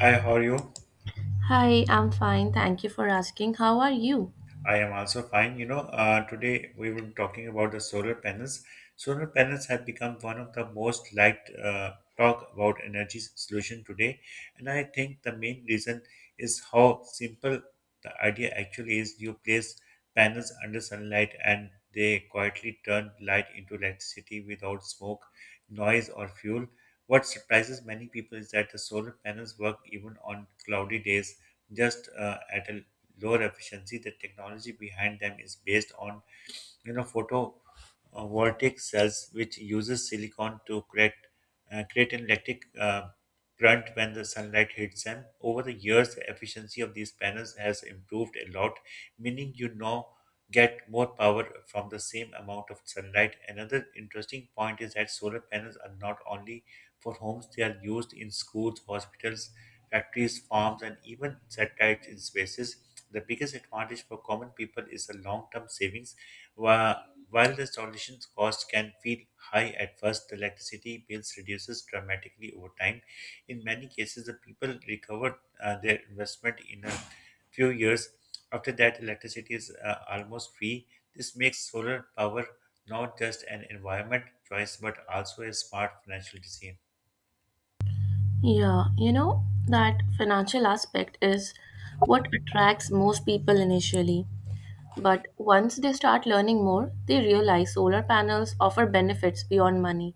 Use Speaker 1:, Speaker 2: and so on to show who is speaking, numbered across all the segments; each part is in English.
Speaker 1: Hi, how are you?
Speaker 2: Hi, I'm fine. Thank you for asking. How are you?
Speaker 1: I am also fine. Today we will be talking about the solar panels. Solar panels have become one of the most liked talk about energy solution today, and I think the main reason is how simple the idea actually is. You place panels under sunlight, and they quietly turn light into electricity without smoke, noise, or fuel. What surprises many people is that the solar panels work even on cloudy days, just at a lower efficiency. The technology behind them is based on, photovoltaic cells, which uses silicon to create an electric. Brunt when the sunlight hits them. Over the years, the efficiency of these panels has improved a lot, meaning you now get more power from the same amount of sunlight. Another interesting point is that solar panels are not only for homes, they are used in schools, hospitals, factories, farms, and even satellites in spaces. The biggest advantage for common people is the long term savings. Wha- While the installation's cost can feel high at first, the electricity bills reduces dramatically over time. In many cases, the people recovered their investment in a few years. After that, electricity is almost free. This makes solar power not just an environment choice but also a smart financial decision.
Speaker 2: Yeah, you know, that financial aspect is what attracts most people initially. But once they start learning more, they realize solar panels offer benefits beyond money.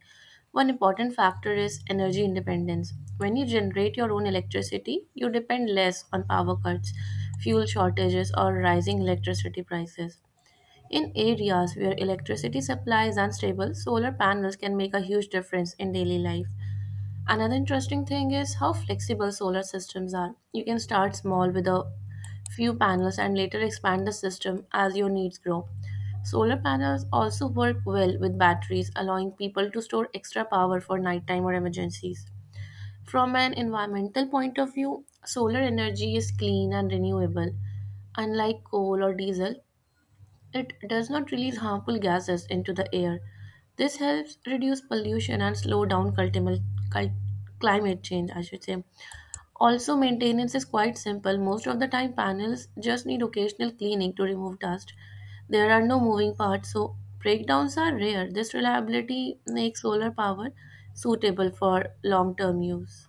Speaker 2: One important factor is energy independence. When you generate your own electricity, you depend less on power cuts, fuel shortages, or rising electricity prices. In areas where electricity supply is unstable, solar panels can make a huge difference in daily life. Another interesting thing is how flexible solar systems are. You can start small with a few panels and later expand the system as your needs grow. Solar panels also work well with batteries, allowing people to store extra power for nighttime or emergencies. From an environmental point of view, solar energy is clean and renewable. Unlike coal or diesel, it does not release harmful gases into the air. This helps reduce pollution and slow down cul- climate change, I should say. Also, maintenance is quite simple. Most of the time, panels just need occasional cleaning to remove dust. There are no moving parts, so breakdowns are rare. This reliability makes solar power suitable for long term use.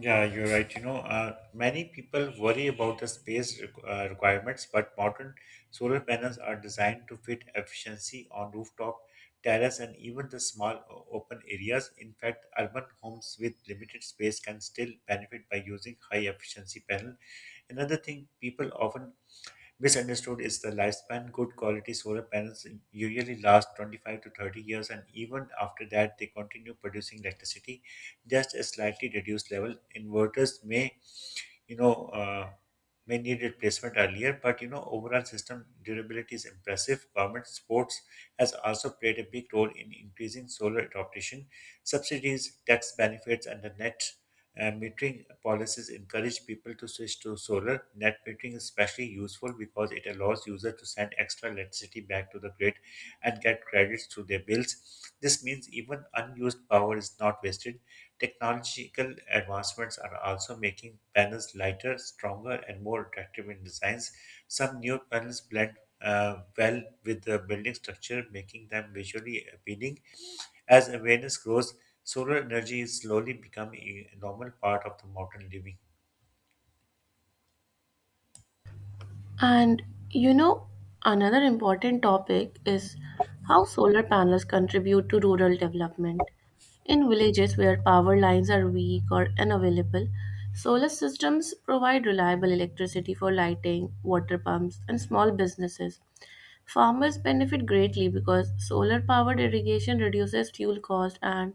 Speaker 1: Yeah, you're right. Many people worry about the space requirements, but modern solar panels are designed to fit efficiency on rooftop, terrace, and even the small open areas. In fact, urban homes with limited space can still benefit by using high efficiency panel. Another thing people often misunderstood is the lifespan. Good quality solar panels usually last 25 to 30 years, and even after that, they continue producing electricity just a slightly reduced level. Inverters you know, uh, may need replacement earlier, but overall system durability is impressive. Government supports has also played a big role in increasing solar adoption. Subsidies, tax benefits, and the net metering policies encourage people to switch to solar. Net metering is especially useful because it allows users to send extra electricity back to the grid and get credits through their bills. This means even unused power is not wasted. Technological advancements are also making panels lighter, stronger, and more attractive in designs. Some new panels blend well with the building structure, making them visually appealing. As awareness grows, solar energy is slowly becoming a normal part of the modern living.
Speaker 2: And you know, another important topic is how solar panels contribute to rural development. In villages where power lines are weak or unavailable, solar systems provide reliable electricity for lighting, water pumps, and small businesses. Farmers benefit greatly because solar powered irrigation reduces fuel cost and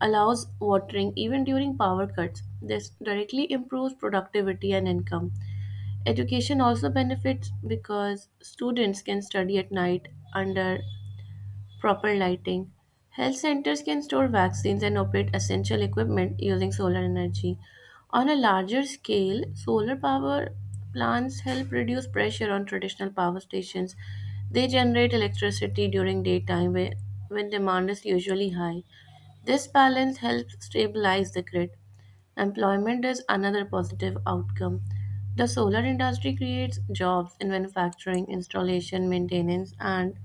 Speaker 2: allows watering even during power cuts. This directly improves productivity and income. Education also benefits because students can study at night under proper lighting. Health centers can store vaccines and operate essential equipment using solar energy. On a larger scale, solar power plants help reduce pressure on traditional power stations. They generate electricity during when demand is usually high. This balance helps stabilize the grid. Employment is another positive outcome. The solar industry creates jobs in manufacturing, installation, maintenance, and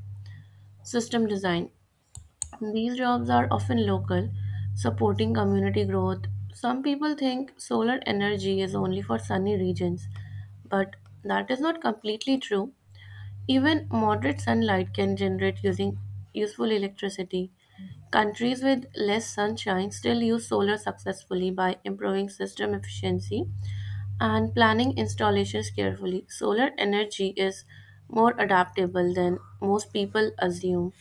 Speaker 2: system design. These jobs are often local, supporting community growth. Some people think solar energy is only for sunny regions, but that is not completely true. Even moderate sunlight can generate using useful electricity. Countries with less sunshine still use solar successfully by improving system efficiency and planning installations carefully. Solar energy is more adaptable than most people assume.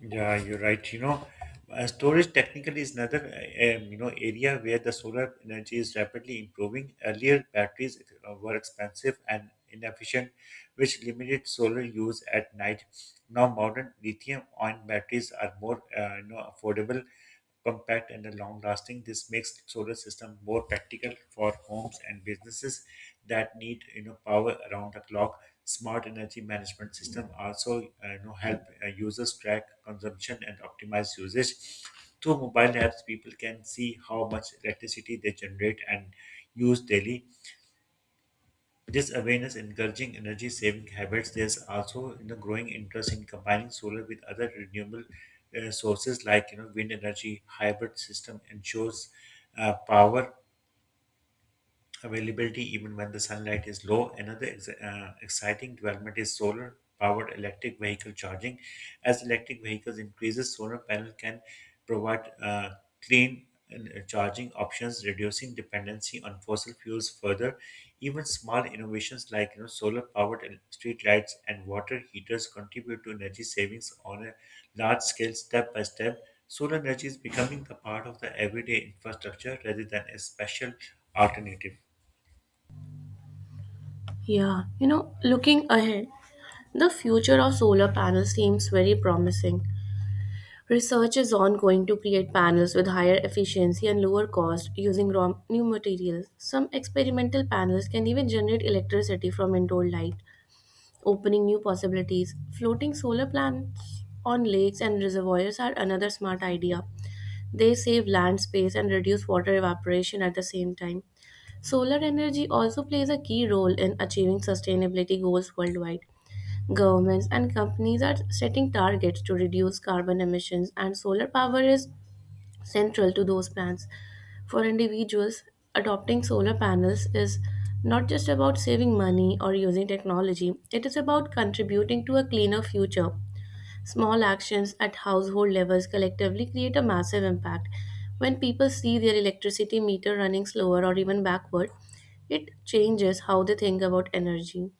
Speaker 1: Yeah, you're right. Storage technically is another area where the solar energy is rapidly improving. Earlier, batteries were expensive and inefficient, which limited solar use at night. Now, modern lithium-ion batteries are more affordable compact, and long lasting. This makes solar system more practical for homes and businesses that need power around the clock. Smart energy management system also help users track consumption and optimize usage. Through mobile apps, people can see how much electricity they generate and use daily. This awareness encouraging energy saving habits. There's also growing interest in combining solar with other renewable sources like wind energy. Hybrid system ensures power availability even when the sunlight is low. Another exciting development is solar powered electric vehicle charging. As electric vehicles increases, solar panel can provide clean charging options, reducing dependency on fossil fuels further. Even small innovations like solar powered street lights and water heaters contribute to energy savings on a large scale, step by step. Solar energy is becoming a part of the everyday infrastructure rather than a special alternative.
Speaker 2: Yeah, you know, looking ahead, the future of solar panels seems very promising. Research is ongoing to create panels with higher efficiency and lower cost using raw new materials. Some experimental panels can even generate electricity from indoor light, opening new possibilities. Floating solar plants on lakes and reservoirs are another smart idea. They save land space and reduce water evaporation at the same time. Solar energy also plays a key role in achieving sustainability goals worldwide. Governments and companies are setting targets to reduce carbon emissions, and solar power is central to those plans. For individuals, adopting solar panels is not just about saving money or using technology, it is about contributing to a cleaner future. Small actions at household levels collectively create a massive impact. When people see their electricity meter running slower or even backward, it changes how they think about energy.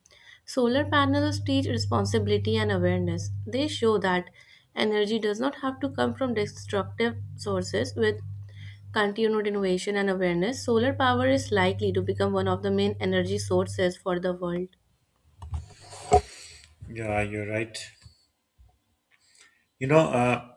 Speaker 2: Solar panels teach responsibility and awareness. They show that energy does not have to come from destructive sources. With continued innovation and awareness, solar power is likely to become one of the main energy sources for the world.
Speaker 1: Yeah, you're right. You know, uh,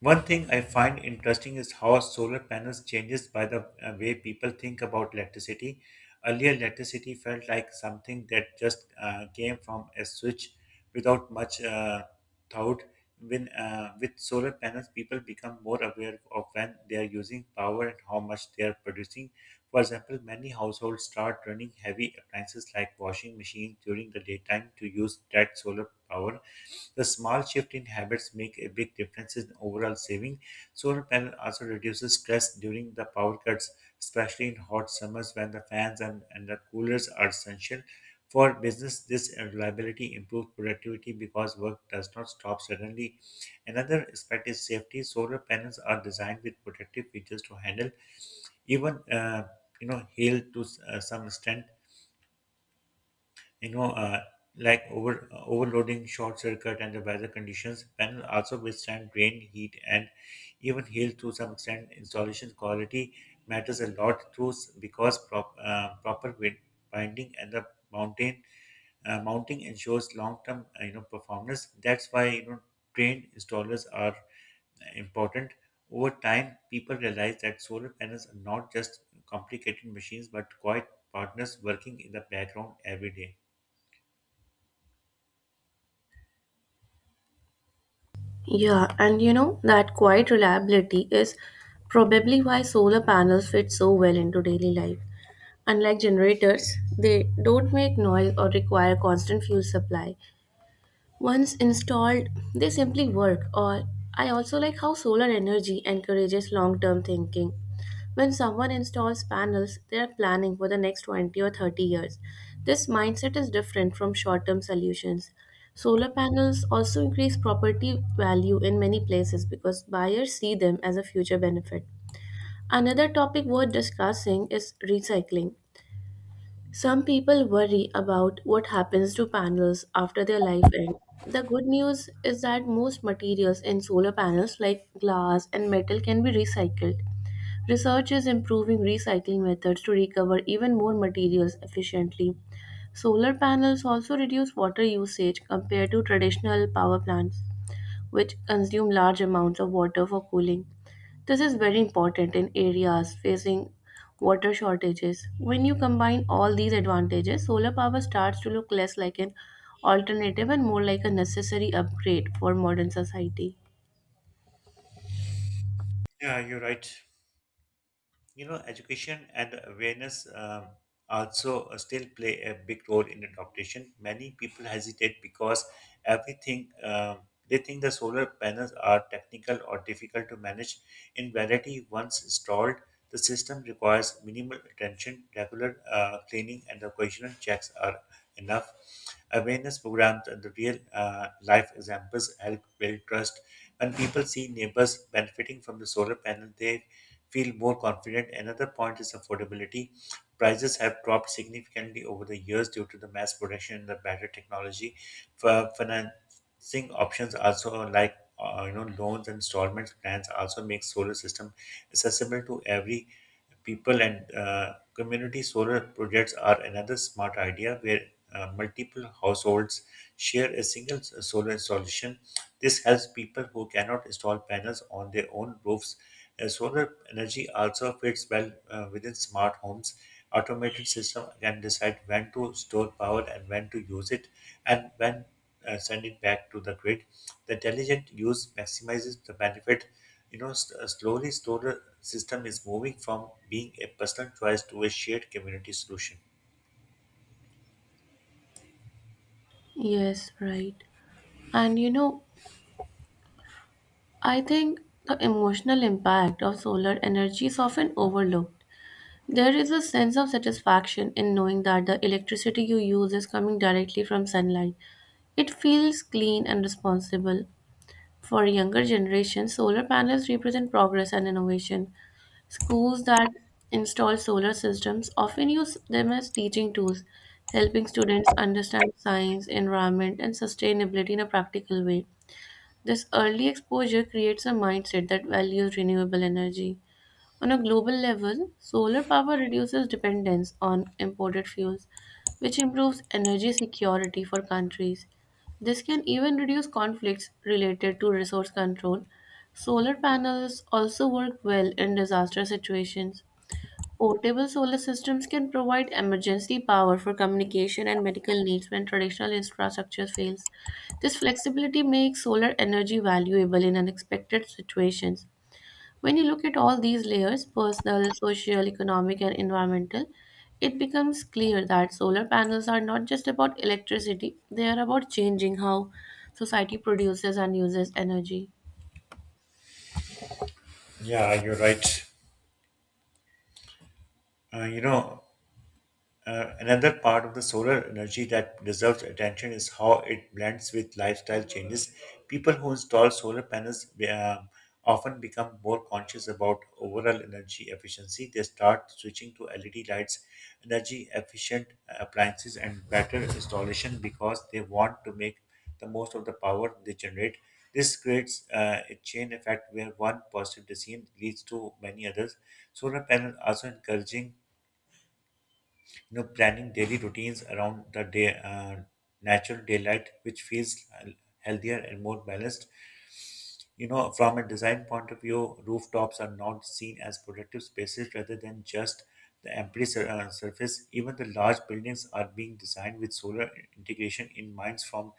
Speaker 1: One thing I find interesting is how solar panels changes by the way people think about electricity. Earlier, electricity felt like something that just came from a switch without much thought. When With solar panels, people become more aware of when they are using power and how much they are producing. For example, many households start running heavy appliances like washing machines during the daytime to use that solar power. The small shift in habits make a big difference in overall saving. Solar panel also reduces stress during the power cuts, especially in hot summers when the fans and the coolers are essential. For business, this reliability improves productivity because work does not stop suddenly. Another aspect is safety. Solar panels are designed with protective features to handle even hail to some extent you know, uh, like overloading, short circuit, and the weather conditions. Panels also withstand rain, heat, and even hail to some extent. Installation quality matters a lot too, because proper wind binding and the mountain mounting ensures long-term performance. That's why trained installers are important. Over time, people realize that solar panels are not just complicated machines but quiet partners working in the background every day.
Speaker 2: Yeah, and you know that quiet reliability is probably why solar panels fit so well into daily life. Unlike generators, they don't make noise or require constant fuel supply, once installed, they simply work. Or I also like how solar energy encourages long-term thinking. When someone installs panels, they are planning for the next 20 or 30 years. This mindset is different from short-term solutions. Solar panels also increase property value in many places because buyers see them as a future benefit. Another topic worth discussing is recycling. Some people worry about what happens to panels after their life ends. The good news is that most materials in solar panels, like glass and metal, can be recycled. Research is improving recycling methods to recover even more materials efficiently. Solar panels also reduce water usage compared to traditional power plants, which consume large amounts of water for cooling. This is very important in areas facing water shortages. When you combine all these advantages, solar power starts to look less like an alternative and more like a necessary upgrade for modern society.
Speaker 1: Yeah, you're right. Education and awareness also still play a big role in adaptation. Many people hesitate because everything they think the solar panels are technical or difficult to manage. In reality, once installed, the system requires minimal attention, regular cleaning, and occasional checks are enough. Awareness programs and the real life examples help build trust. When people see neighbors benefiting from the solar panel, they feel more confident. Another point is affordability. Prices have dropped significantly over the years due to the mass production and the better technology. For financing options also like loans and installments plans also make solar system accessible to every people and community solar projects are another smart idea where multiple households share a single solar installation. This helps people who cannot install panels on their own roofs. Solar energy also fits well within smart homes. Automated system can decide when to store power and when to use it, and when send it back to the grid. The intelligent use maximizes the benefit. Slowly solar system is moving from being a personal choice to a shared community solution.
Speaker 2: Yes, right. And you know, I think the emotional impact of solar energy is often overlooked. There is a sense of satisfaction in knowing that the electricity you use is coming directly from sunlight. It feels clean and responsible. For younger generations, solar panels represent progress and innovation. Schools that install solar systems often use them as teaching tools, helping students understand science, environment, and sustainability in a practical way. This early exposure creates a mindset that values renewable energy. On a global level, solar power reduces dependence on imported fuels, which improves energy security for countries. This can even reduce conflicts related to resource control. Solar panels also work well in disaster situations. Portable solar systems can provide emergency power for communication and medical needs when traditional infrastructure fails. This flexibility makes solar energy valuable in unexpected situations. When you look at all these layers personal, social, economic, and environmental, it becomes clear that solar panels are not just about electricity, they are about changing how society produces and uses energy.
Speaker 1: Yeah, you're right. Uh, you know, Another part of the solar energy that deserves attention is how it blends with lifestyle changes. People who install solar panels um, often become more conscious about overall energy efficiency. They start switching to LED lights, energy efficient appliances, and better installation because they want to make the most of the power they generate. This creates a chain effect where one positive decision leads to many others. Solar panels also encouraging planning daily routines around the day uh, natural daylight which feels healthier and more balanced. You know, from a design point of view, rooftops are not seen as productive spaces rather than just the empty surface. Even the large buildings are being designed with solar integration in minds from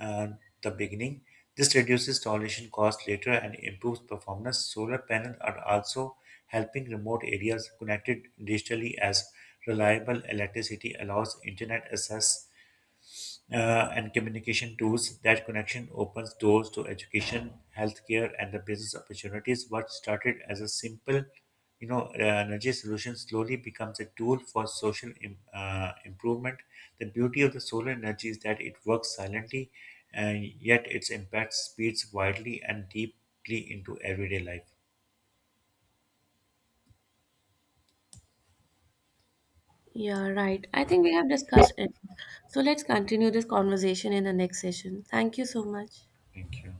Speaker 1: uh, the beginning. This reduces installation costs later and improves performance. Solar panels are also helping remote areas connected digitally as reliable electricity allows internet access and communication tools. That connection opens doors to education, healthcare, and the business opportunities. What started as a simple, energy solution slowly becomes a tool for social improvement. The beauty of the solar energy is that it works silently, and yet its impact speeds widely and deeply into everyday life.
Speaker 2: Yeah, right. I think we have discussed it. So let's continue this conversation in the next session. Thank you so much.
Speaker 1: Thank you.